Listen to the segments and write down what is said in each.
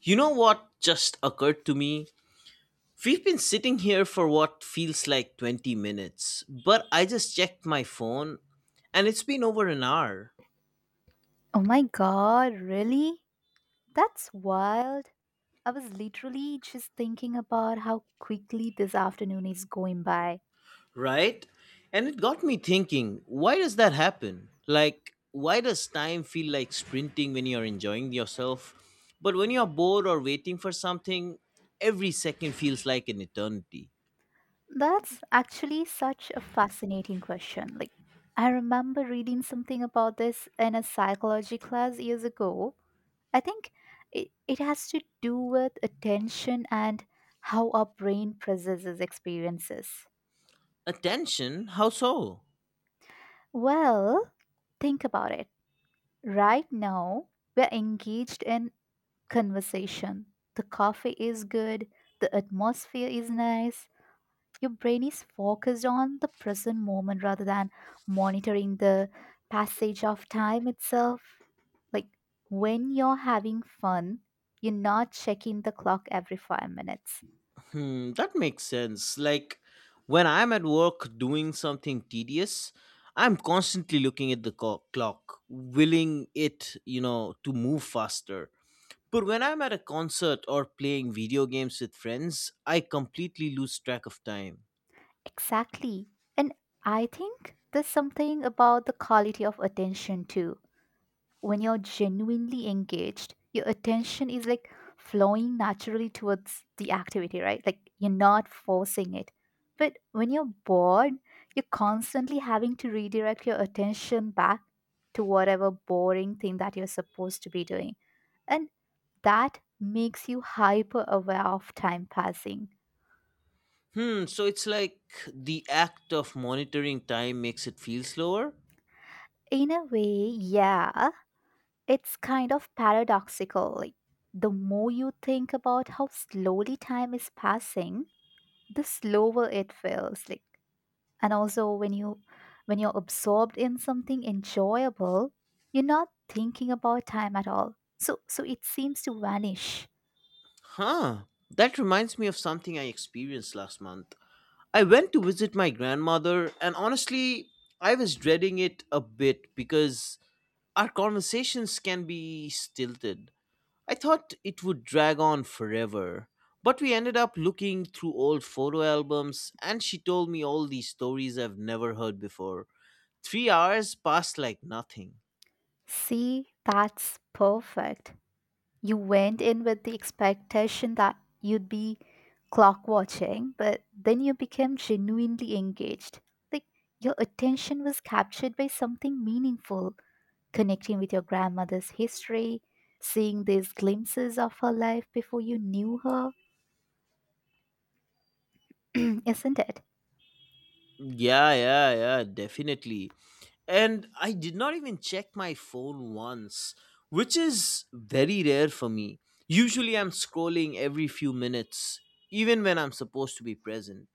You know what just occurred to me? We've been sitting here for what feels like 20 minutes, but I just checked my phone and it's been over an hour, Oh my god, really? That's wild. I was literally just thinking about how quickly this afternoon is going by. right? And it got me thinking, why does that happen? Like, why does time feel like sprinting when you're enjoying yourself? But when you're bored or waiting for something, every second feels like an eternity. That's actually such a fascinating question. Like, I remember reading something about this in a psychology class years ago. I think it has to do with attention and how our brain processes experiences. Attention? How so? Well, think about it. Right now, we're engaged in conversation. The coffee is good, the atmosphere is nice, your brain is focused on the present moment rather than monitoring the passage of time itself. Like when you're having fun, you're not checking the clock every 5 minutes. Hmm, that makes sense. Like when I'm at work doing something tedious, I'm constantly looking at the clock, willing it, to move faster. But when I'm at a concert or playing video games with friends, I completely lose track of time. Exactly. And I think there's something about the quality of attention too when you're genuinely engaged, your attention is like flowing naturally towards the activity, right? Like you're not forcing it. But when you're bored, you're constantly having to redirect your attention back to whatever boring thing that you're supposed to be doing. And that makes you hyper aware of time passing. Hmm, so it's like the act of monitoring time makes it feel slower? In a way, yeah, it's kind of paradoxical. Like, the more you think about how slowly time is passing, the slower it feels, like, and also when you're absorbed in something enjoyable, you're not thinking about time at all, so it seems to vanish. Huh. That reminds me of something I experienced last month. I went to visit my grandmother, and honestly, I was dreading it a bit because our conversations can be stilted. I thought it would drag on forever, but we ended up looking through old photo albums, and she told me all these stories I've never heard before. 3 hours passed like nothing. See, that's perfect. You went in with the expectation that you'd be clock watching, but then you became genuinely engaged. Like your attention was captured by something meaningful, connecting with your grandmother's history, seeing these glimpses of her life before you knew her, isn't it? Yeah, yeah, yeah, definitely. And I did not even check my phone once, which is very rare for me. Usually, I'm scrolling every few minutes, even when I'm supposed to be present.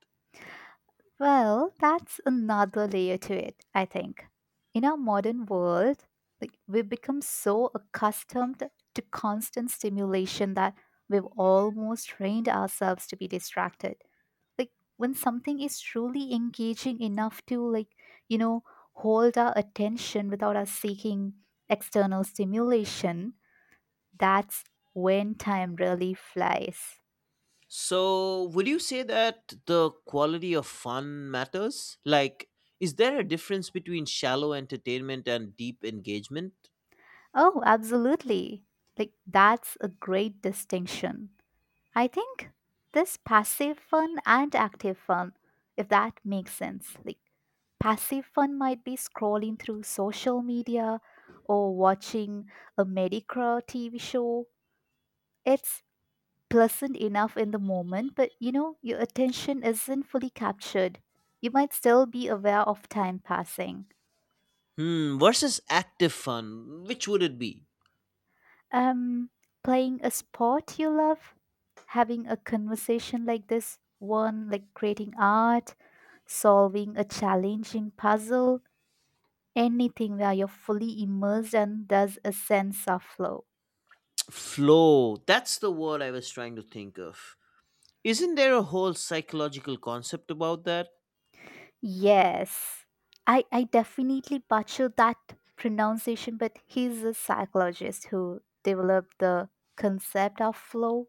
Well, that's another layer to it, I think. In our modern world, like we've become so accustomed to constant stimulation that we've almost trained ourselves to be distracted. Like when something is truly engaging enough to, like, you know, hold our attention without us seeking external stimulation, that's when time really flies. So, would you say that the quality of fun matters? Like, is there a difference between shallow entertainment and deep engagement? Oh, absolutely. Like, that's a great distinction. I think this passive fun and active fun, if that makes sense. Like, passive fun might be scrolling through social media or watching a mediocre TV show. It's pleasant enough in the moment, but you know, your attention isn't fully captured. You might still be aware of time passing. Hmm, versus active fun, which would it be? Um, Playing a sport you love, having a conversation like this one, like creating art, solving a challenging puzzle, anything where you're fully immersed and there's a sense of flow. Flow, that's the word I was trying to think of. Isn't there a whole psychological concept about that? Yes, I definitely butcher that pronunciation, but he's a psychologist who developed the concept of flow.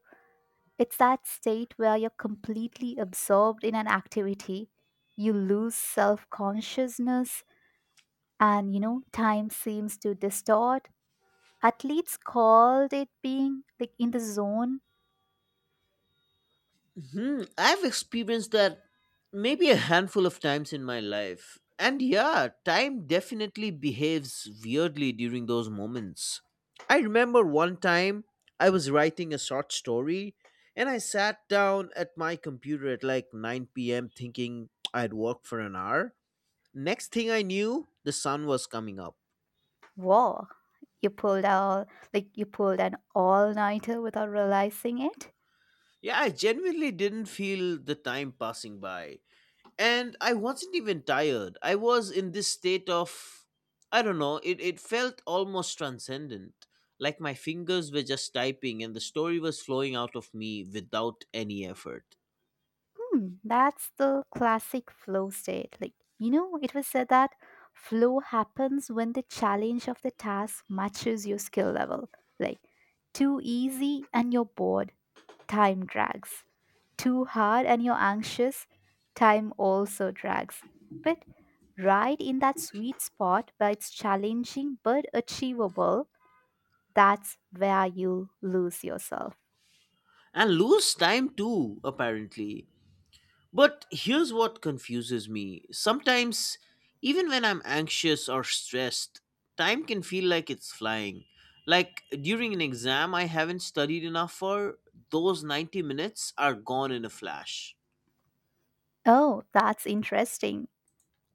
It's that state where you're completely absorbed in an activity, you lose self consciousness, and you know, time seems to distort. Athletes called it being like in the zone Hmm, I've experienced that maybe a handful of times in my life. And yeah, time definitely behaves weirdly during those moments. I remember one time I was writing a short story and I sat down at my computer at like 9 p.m. thinking I'd work for an hour. Next thing I knew, the sun was coming up. war. You pulled out, like, you pulled an all nighter without realizing it. Yeah, I genuinely didn't feel the time passing by. And I wasn't even tired. I was in this state of, I don't know, it felt almost transcendent. Like my fingers were just typing and the story was flowing out of me without any effort. Hmm, that's the classic flow state. Like, you know, it was said that flow happens when the challenge of the task matches your skill level. Like, too easy and you're bored, time drags. Too hard and you're anxious, time also drags. But right in that sweet spot where it's challenging but achievable, that's where you lose yourself. And lose time too, apparently. But here's what confuses me sometimes, even when I'm anxious or stressed, time can feel like it's flying. Like during an exam I haven't studied enough for, those 90 minutes are gone in a flash. Oh, that's interesting.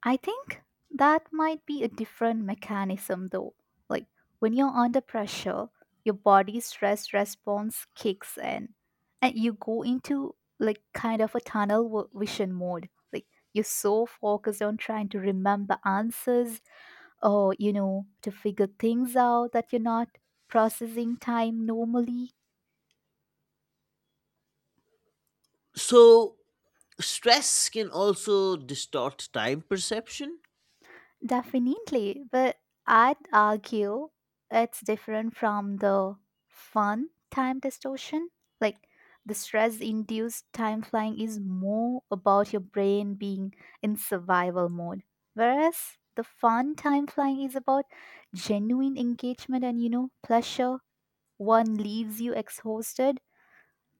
I think that might be a different mechanism though. Like when you're under pressure, your body's stress response kicks in and you go into like kind of a tunnel vision mode. Like you're so focused on trying to remember answers or, you know, to figure things out that you're not processing time normally. So, stress can also distort time perception? Definitely, but I'd argue it's different from the fun time distortion. Like the stress induced time flying is more about your brain being in survival mode, whereas the fun time flying is about genuine engagement and you know, pleasure. One leaves you exhausted,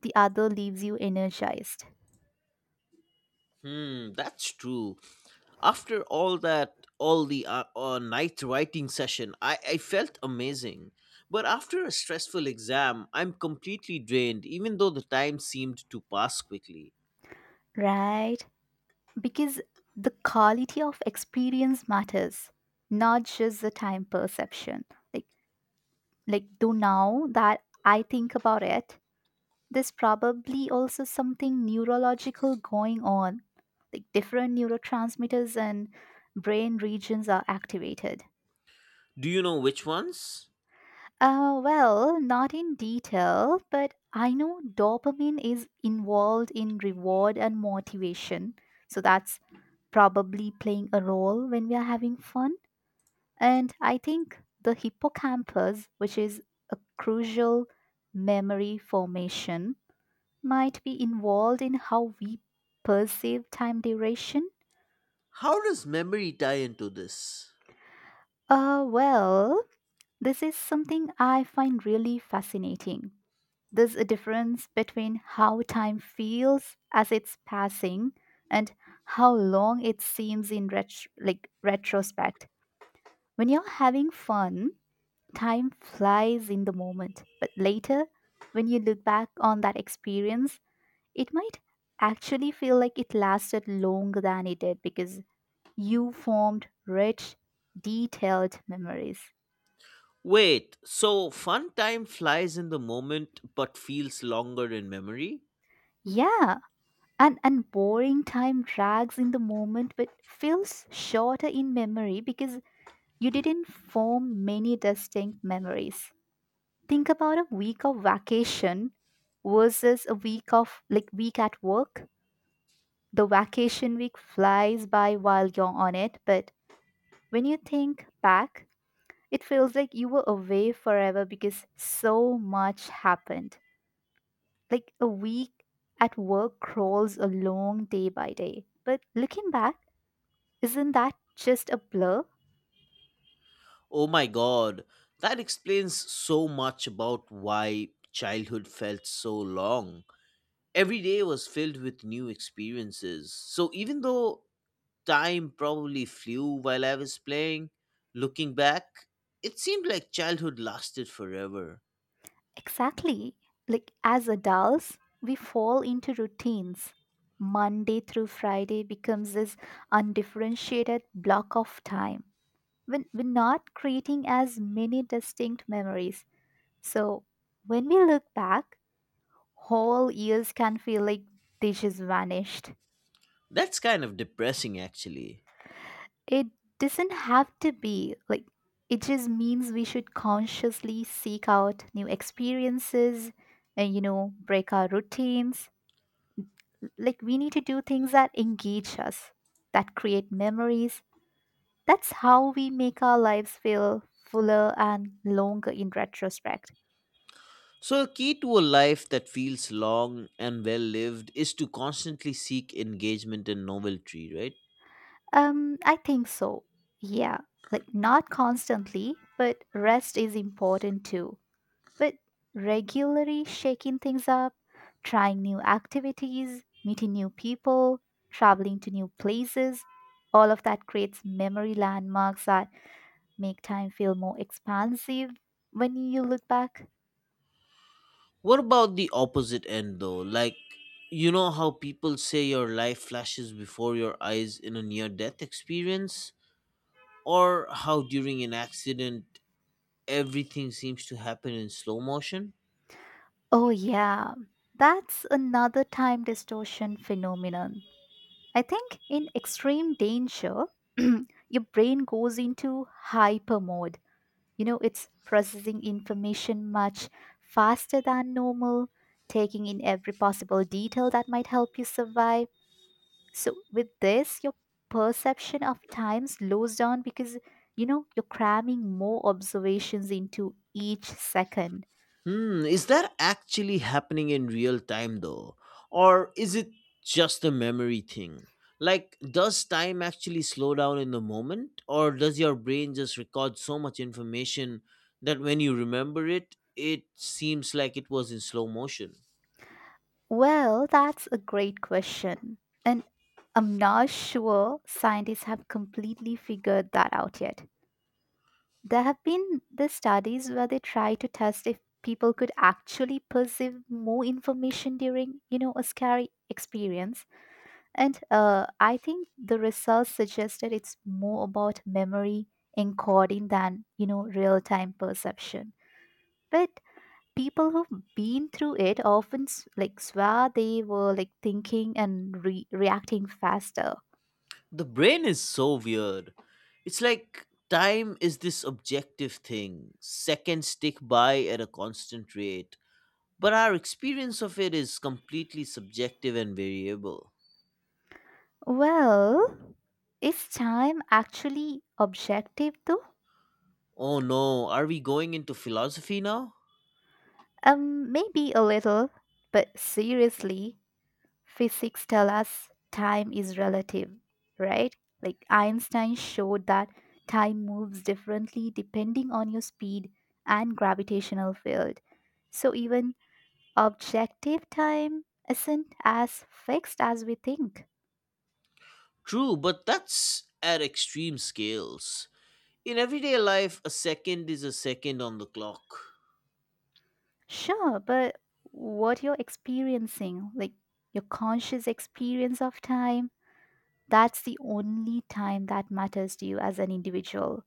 the other leaves you energized. Hmm, that's true. After all that, all the night writing session, I felt amazing. But after a stressful exam, I'm completely drained, even though the time seemed to pass quickly. Right? Because the quality of experience matters, not just the time perception. Like, like though now that I think about it, there's probably also something neurological going on. Like different neurotransmitters and brain regions are activated. Do you know which ones? Well, not in detail, but I know dopamine is involved in reward and motivation. So that's probably playing a role when we are having fun. And I think the hippocampus, which is a crucial memory formation, might be involved in how we perceive time duration. How does memory tie into this? Well, this is something I find really fascinating. There's a difference between how time feels as it's passing and how long it seems in like retrospect. When you're having fun, time flies in the moment, but later, when you look back on that experience, it might actually feel like it lasted longer than it did because you formed rich, detailed memories. Wait, so fun time flies in the moment but feels longer in memory? Yeah, and boring time drags in the moment but feels shorter in memory because you didn't form many distinct memories. Think about a week of vacation versus a week of like week at work. The vacation week flies by while you're on it, but when you think back, it feels like you were away forever because so much happened. Like a week at work crawls along day by day. But looking back, isn't that just a blur? Oh my god, that explains so much about why childhood felt so long. Every day was filled with new experiences. So even though time probably flew while I was playing, looking back, it seemed like childhood lasted forever. Exactly. Like as adults, we fall into routines. Monday through Friday becomes this undifferentiated block of time when we're not creating as many distinct memories. So when we look back, whole years can feel like they just vanished. That's kind of depressing, actually. It doesn't have to be, like, it just means we should consciously seek out new experiences and you know break our routines. Like we need to do things that engage us, that create memories. That's how we make our lives feel fuller and longer in retrospect. So, a key to a life that feels long and well lived is to constantly seek engagement and novelty, right? I think so. Yeah, like not constantly, but rest is important too. But regularly shaking things up, trying new activities, meeting new people, traveling to new places, all of that creates memory landmarks that make time feel more expansive when you look back. What about the opposite end though? Like, you know how people say your life flashes before your eyes in a near death experience? Or how during an accident everything seems to happen in slow motion? Oh, yeah, that's another time distortion phenomenon. I think in extreme danger, your brain goes into hyper mode. You know, it's processing information much faster than normal, taking in every possible detail that might help you survive. So, with this, your perception of time slows down because, you know, you're cramming more observations into each second. Hmm, is that actually happening in real time though? Or is it just a memory thing? Like, does time actually slow down in the moment? Or does your brain just record so much information that when you remember it, it seems like it was in slow motion? Well, that's a great question. And I'm not sure scientists have completely figured that out yet. There have been the studies where they try to test if people could actually perceive more information during, you know, a scary experience. And I think the results suggested it's more about memory encoding than, you know, real-time perception. But people who've been through it often like swear they were like thinking and reacting faster. The brain is so weird. It's like time is this objective thing, seconds tick by at a constant rate. But our experience of it is completely subjective and variable. Well, is time actually objective though? Oh no, are we going into philosophy now? Maybe a little, but seriously, physics tell us time is relative, right? Like Einstein showed that time moves differently depending on your speed and gravitational field. So even objective time isn't as fixed as we think. True, but that's at extreme scales. In everyday life, a second is a second on the clock. Sure, but what you're experiencing, like your conscious experience of time, that's the only time that matters to you as an individual.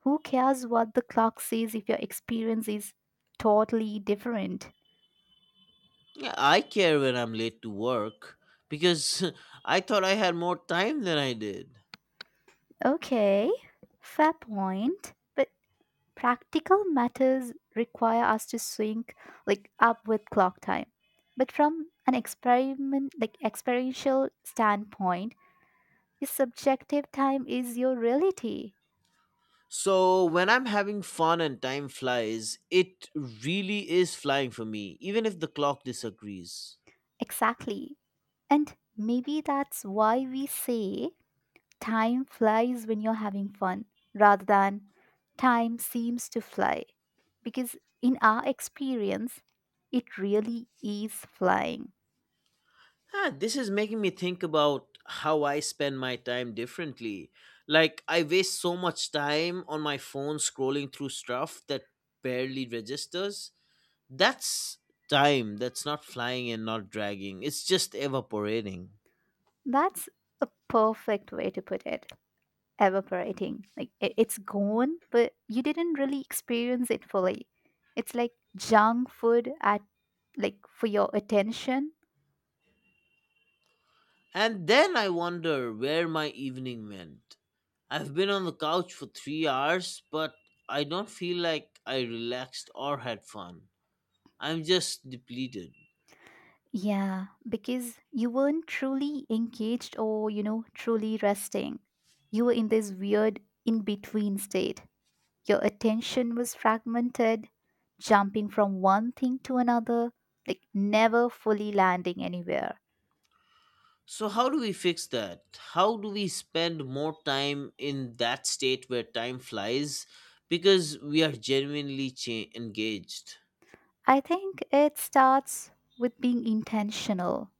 Who cares what the clock says if your experience is totally different? Yeah, I care when I'm late to work because I thought I had more time than I did. Okay, fair point. But practical matters require us to sync like up with clock time, but from an experiment like experiential standpoint your subjective time is your reality. So when I'm having fun and time flies, it really is flying for me, even if the clock disagrees. Exactly. And maybe that's why we say time flies when you're having fun rather than time seems to fly, because in our experience it really is flying. Ah, this is making me think about how I spend my time differently. Like, I waste so much time on my phone scrolling through stuff that barely registers. That's time that's not flying and not dragging, it's just evaporating. That's a perfect way to put it, evaporating. Like it's gone, but you didn't really experience it fully. It's like junk food at like for your attention. And then I wonder where my evening went. I've been on the couch for 3 hours, but I don't feel like I relaxed or had fun. I'm just depleted. Yeah, because you weren't truly engaged or, you know, truly resting. You were in this weird in between state. Your attention was fragmented, jumping from one thing to another, like never fully landing anywhere. So, how do we fix that? How do we spend more time in that state where time flies because we are genuinely engaged? I think it starts with being intentional,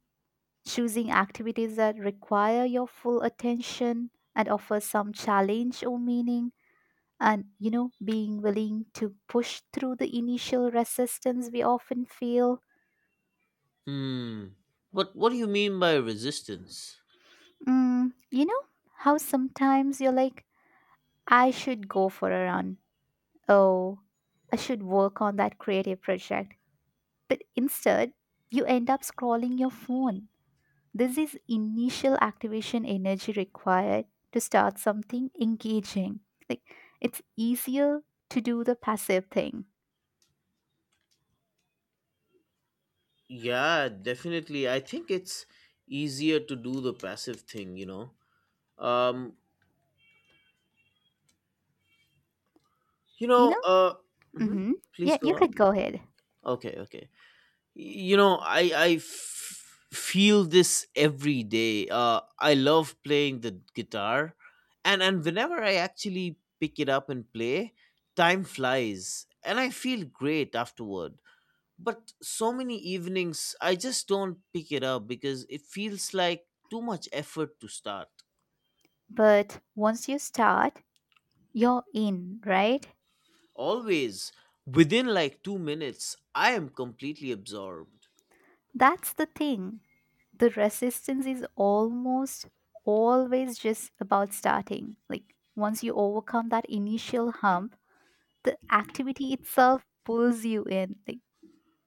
choosing activities that require your full attention and offer some challenge or meaning, and you know being willing to push through the initial resistance we often feel. Hmm. But what do you mean by resistance? You know how sometimes you're like, I should go for a run, oh, I should work on that creative project, but instead you end up scrolling your phone. This is initial activation energy required to start something engaging. Like it's easier to do the passive thing, Yeah, definitely. I think it's easier to do the passive thing. Um, you you know, know? uh, mhm. Mm-hmm. Please Yeah, go you on. could go ahead. Okay, okay. You know, I feel this every day. I love playing the guitar, and whenever I actually pick it up and play, time flies and I feel great afterward. But so many evenings I just don't pick it up because it feels like too much effort to start. But once you start, you're in, right? Always within like 2 minutes I am completely absorbed. That's the thing. The resistance is almost always just about starting. Like once you overcome that initial hump, the activity itself pulls you in. Like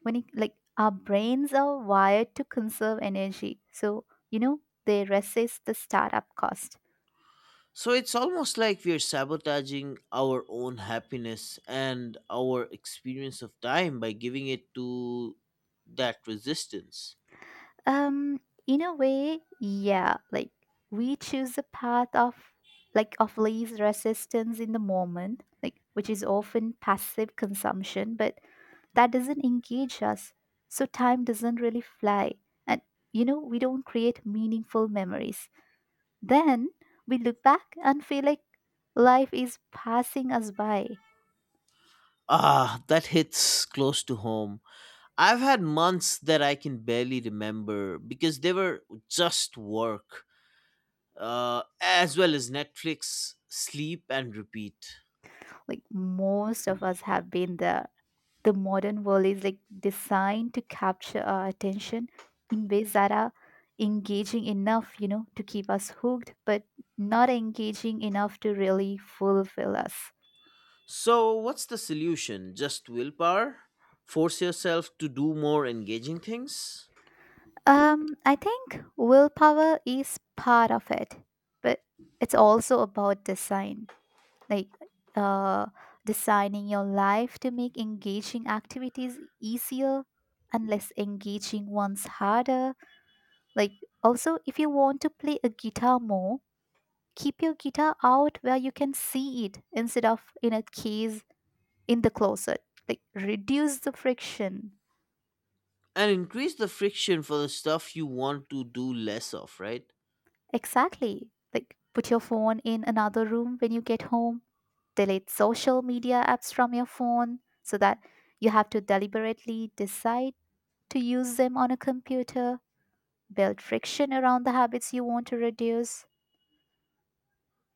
when it, like our brains are wired to conserve energy so you know they resist the startup cost. So it's almost like we're sabotaging our own happiness and our experience of time by giving it to that resistance. um in a way, yeah. Like we choose a path of, like, of least resistance in the moment, like, which is often passive consumption, but that doesn't engage us, so time doesn't really fly, and you know we don't create meaningful memories. Then we look back and feel like life is passing us by. Ah, that hits close to home. I've had months that I can barely remember because they were just work, as well as Netflix, sleep, and repeat. Like most of us have been there. The modern world is, like, designed to capture our attention in ways that are engaging enough, you know, to keep us hooked, but not engaging enough to really fulfill us. So, what's the solution? Just willpower? Force yourself to do more engaging things? I think willpower is part of it, but it's also about design. Like, uh designing your life to make engaging activities easier and less engaging ones harder. Like, also, if you want to play a guitar more, keep your guitar out where you can see it instead of in a case in the closet. Like, reduce the friction. And increase the friction for the stuff you want to do less of, right? Exactly. Like, put your phone in another room when you get home. Delete social media apps from your phone so that you have to deliberately decide to use them on a computer. Build friction around the habits you want to reduce.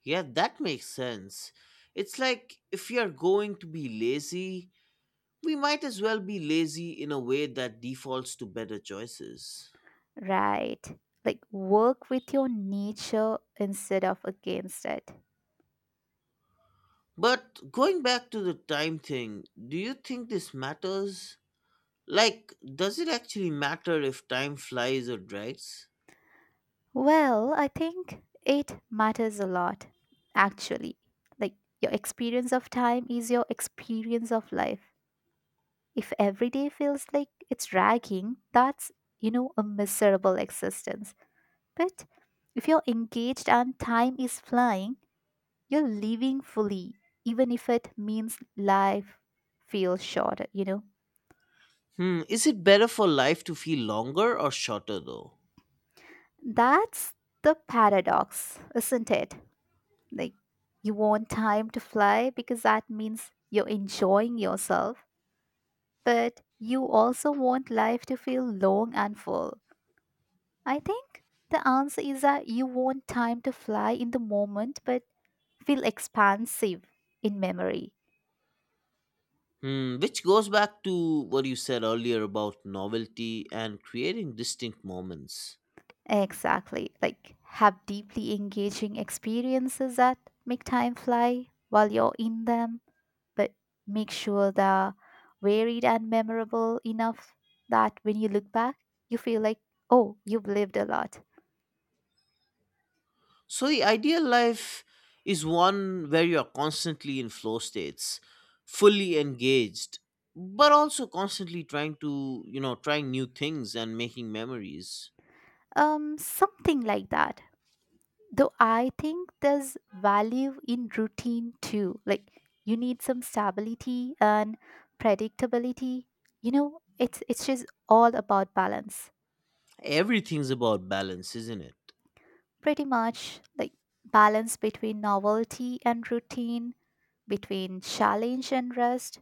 Yeah, that makes sense. It's like if we are going to be lazy, we might as well be lazy in a way that defaults to better choices. Right. Like work with your nature instead of against it. But going back to the time thing, do you think this matters? Like, does it actually matter if time flies or drags? Well, I think it matters a lot, actually. Like your experience of time is your experience of life. If every day feels like it's dragging, that's, you know, a miserable existence. But if you're engaged and time is flying, you're living fully, even if it means life feels shorter. You know? Hmm, is it better for life to feel longer or shorter though? That's the paradox, isn't it? Like, you want time to fly because that means you're enjoying yourself, but you also want life to feel long and full. I think the answer is that you want time to fly in the moment, but feel expansive in memory. Hmm, which goes back to what you said earlier about novelty and creating distinct moments. Exactly. Like, have deeply engaging experiences that make time fly while you're in them, but make sure they're varied and memorable enough that when you look back, you feel like, oh, you've lived a lot. So, the ideal life is one where you are constantly in flow states, fully engaged, but also constantly trying to, you know, trying new things and making memories. Something like that. Though I think there's value in routine too. Like you need some stability and predictability. You know, it's just all about balance. Everything's about balance, isn't it? Pretty much. Like balance between novelty and routine, between challenge and rest,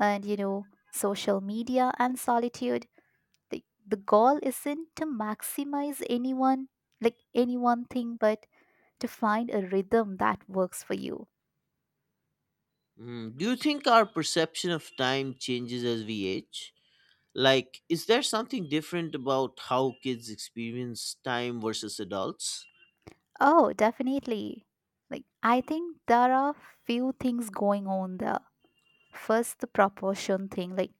and you know social media and solitude. The goal isn't to maximize anyone, like any one thing, but to find a rhythm that works for you. Hmm, do you think our perception of time changes as we age? Like, is there something different about how kids experience time versus adults? Oh, definitely. Like I think there are few things going on there. First, the proportion thing. Like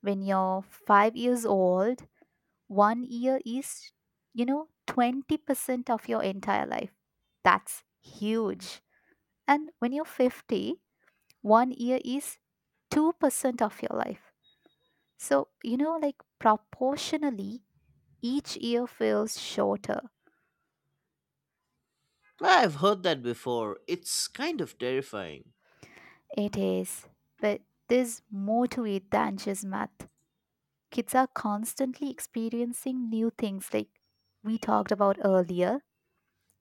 when you're 5 years old, 1 year is, you know, 20% of your entire life. That's huge. And when you're 50, 1 year is 2% of your life. So, you know, like proportionally, each year feels shorter. I've heard that before. It's kind of terrifying. It is. But there's more to it than just math. Kids are constantly experiencing new things, like we talked about earlier.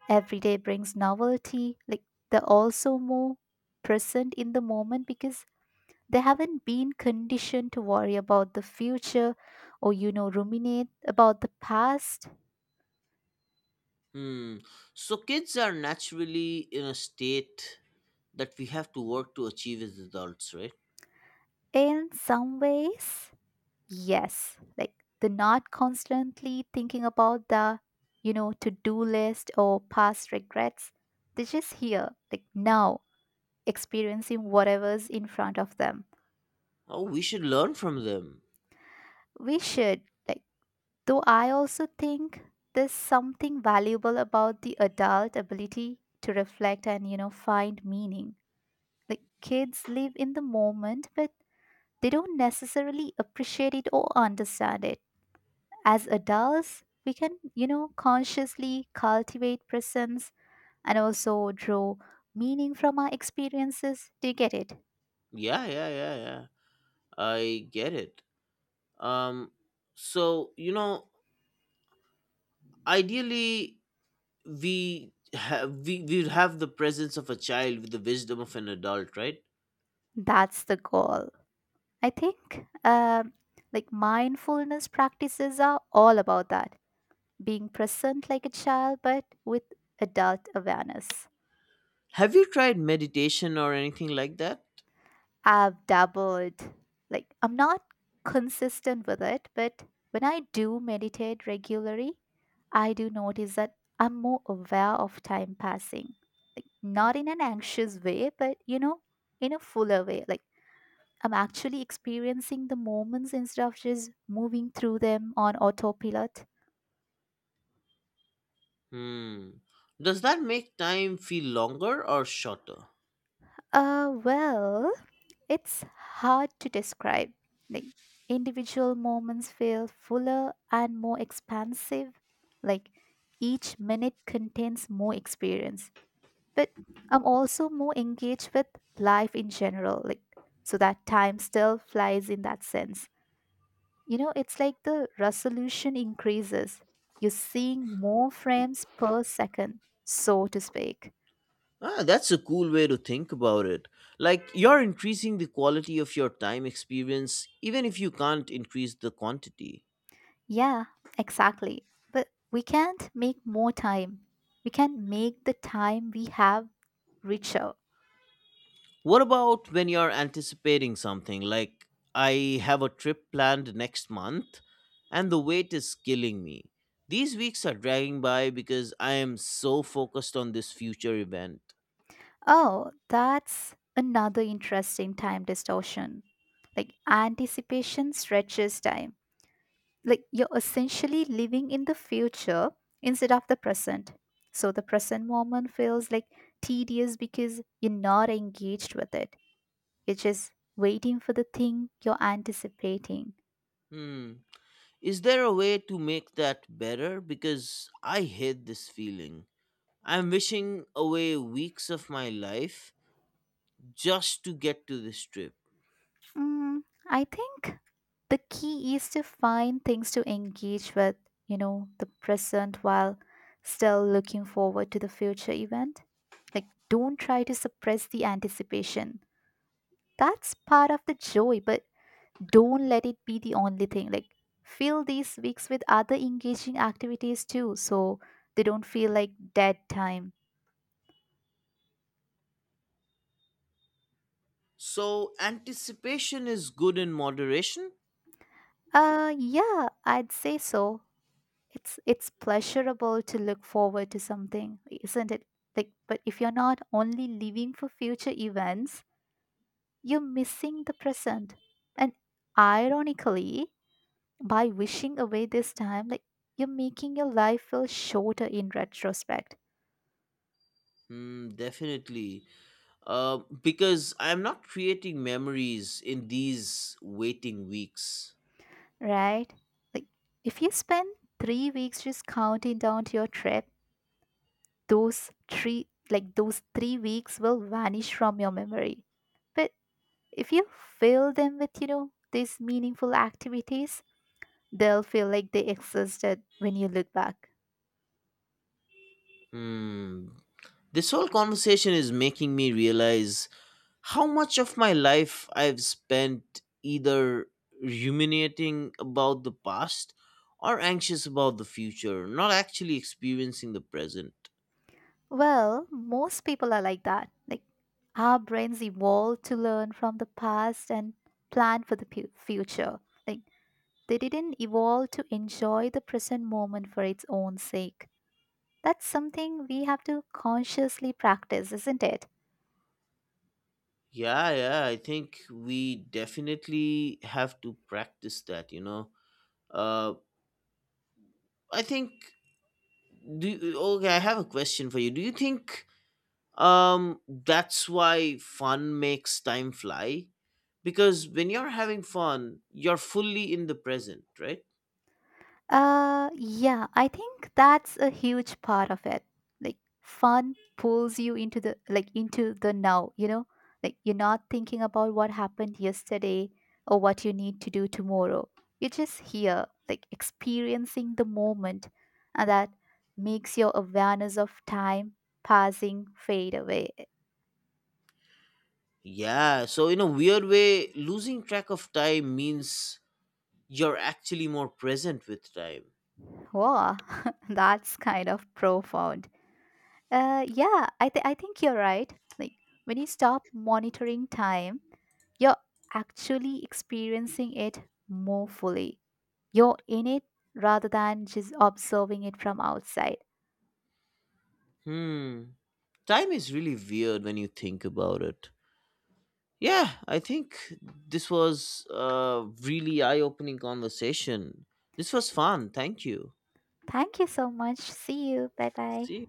Every day brings novelty. Like they're also more present in the moment because they haven't been conditioned to worry about the future or, you know, ruminate about the past. Hmm. So kids are naturally in a state that we have to work to achieve as adults, right? In some ways, yes. Like the not constantly thinking about the, you know, to do list or past regrets. They're just here, like now, experiencing whatever's in front of them. Oh, we should learn from them. We should, like, though I also think there's something valuable about the adult ability to reflect and, you know, find meaning. Like kids live in the moment, but they don't necessarily appreciate it or understand it. As adults, we can, you know, consciously cultivate presence and also draw meaning from our experiences. Do you get it? Yeah, yeah, yeah, yeah. I get it. Um so, you know, ideally we have the presence of a child with the wisdom of an adult, right? That's the goal. I think, like mindfulness practices are all about that, being present like a child, but with adult awareness. Have you tried meditation or anything like that? I've dabbled. Like, I'm not consistent with it, but when I do meditate regularly, I do notice that I'm more aware of time passing. Like, not in an anxious way, but you know, in a fuller way. Like, I'm actually experiencing the moments instead of just moving through them on autopilot. Hmm. Does that make time feel longer or shorter? Well, it's hard to describe. Like, individual moments feel fuller and more expansive. Like, each minute contains more experience. But I'm also more engaged with life in general. Like, so that time still flies in that sense. You know, it's like the resolution increases. You're seeing more frames per second, so to speak. Ah, that's a cool way to think about it. Like, you're increasing the quality of your time experience, even if you can't increase the quantity. Yeah, exactly. But we can't make more time. We can make the time we have richer. What about when you're anticipating something? Like, I have a trip planned next month, and the wait is killing me. These weeks are dragging by because I am so focused on this future event. Oh, that's another interesting time distortion. Like anticipation stretches time. Like you're essentially living in the future instead of the present. So the present moment feels like tedious because you're not engaged with it. You're just waiting for the thing you're anticipating. Hmm. Is there a way to make that better? Because I hate this feeling. I'm wishing away weeks of my life just to get to this trip. Mm, I think the key is to find things to engage with, you know, the present while still looking forward to the future event. Like, don't try to suppress the anticipation. That's part of the joy, but don't let it be the only thing. Like, fill these weeks with other engaging activities too, so they don't feel like dead time. So, anticipation is good in moderation? Yeah, I'd say so. It's pleasurable to look forward to something, isn't it? Like, but if you're not only living for future events, you're missing the present. And, ironically, by wishing away this time, like, you're making your life feel shorter in retrospect. Hmm, definitely. Because I'm not creating memories in these waiting weeks. Right. Like if you spend 3 weeks just counting down to your trip, those 3 like those 3 weeks will vanish from your memory. But if you fill them with, you know, these meaningful activities, they'll feel like they existed when you look back. Hmm. This whole conversation is making me realize how much of my life I've spent either ruminating about the past or anxious about the future, not actually experiencing the present. Well, most people are like that. Like our brains evolved to learn from the past and plan for the future. Like they didn't evolve to enjoy the present moment for its own sake. That's something we have to consciously practice, isn't it? Yeah, yeah, I think we definitely have to practice that. Uh I think okay, I have a question for you. Do you think that's why fun makes time fly? Because when you're having fun, you're fully in the present, right? Yeah, I think that's a huge part of it. Like fun pulls you into the, into the now, you know? Like you're not thinking about what happened yesterday or what you need to do tomorrow. You're just here, like experiencing the moment, and that makes your awareness of time passing fade away. Yeah, so in a weird way, losing track of time means you're actually more present with time. Wow, that's kind of profound. Yeah, I think you're right. Like when you stop monitoring time, you're actually experiencing it more fully. You're in it rather than just observing it from outside. Hmm. Time is really weird when you think about it. Yeah, I think this was a really eye opening conversation. This was fun. Thank you. Thank you so much. See you. Bye bye. See you.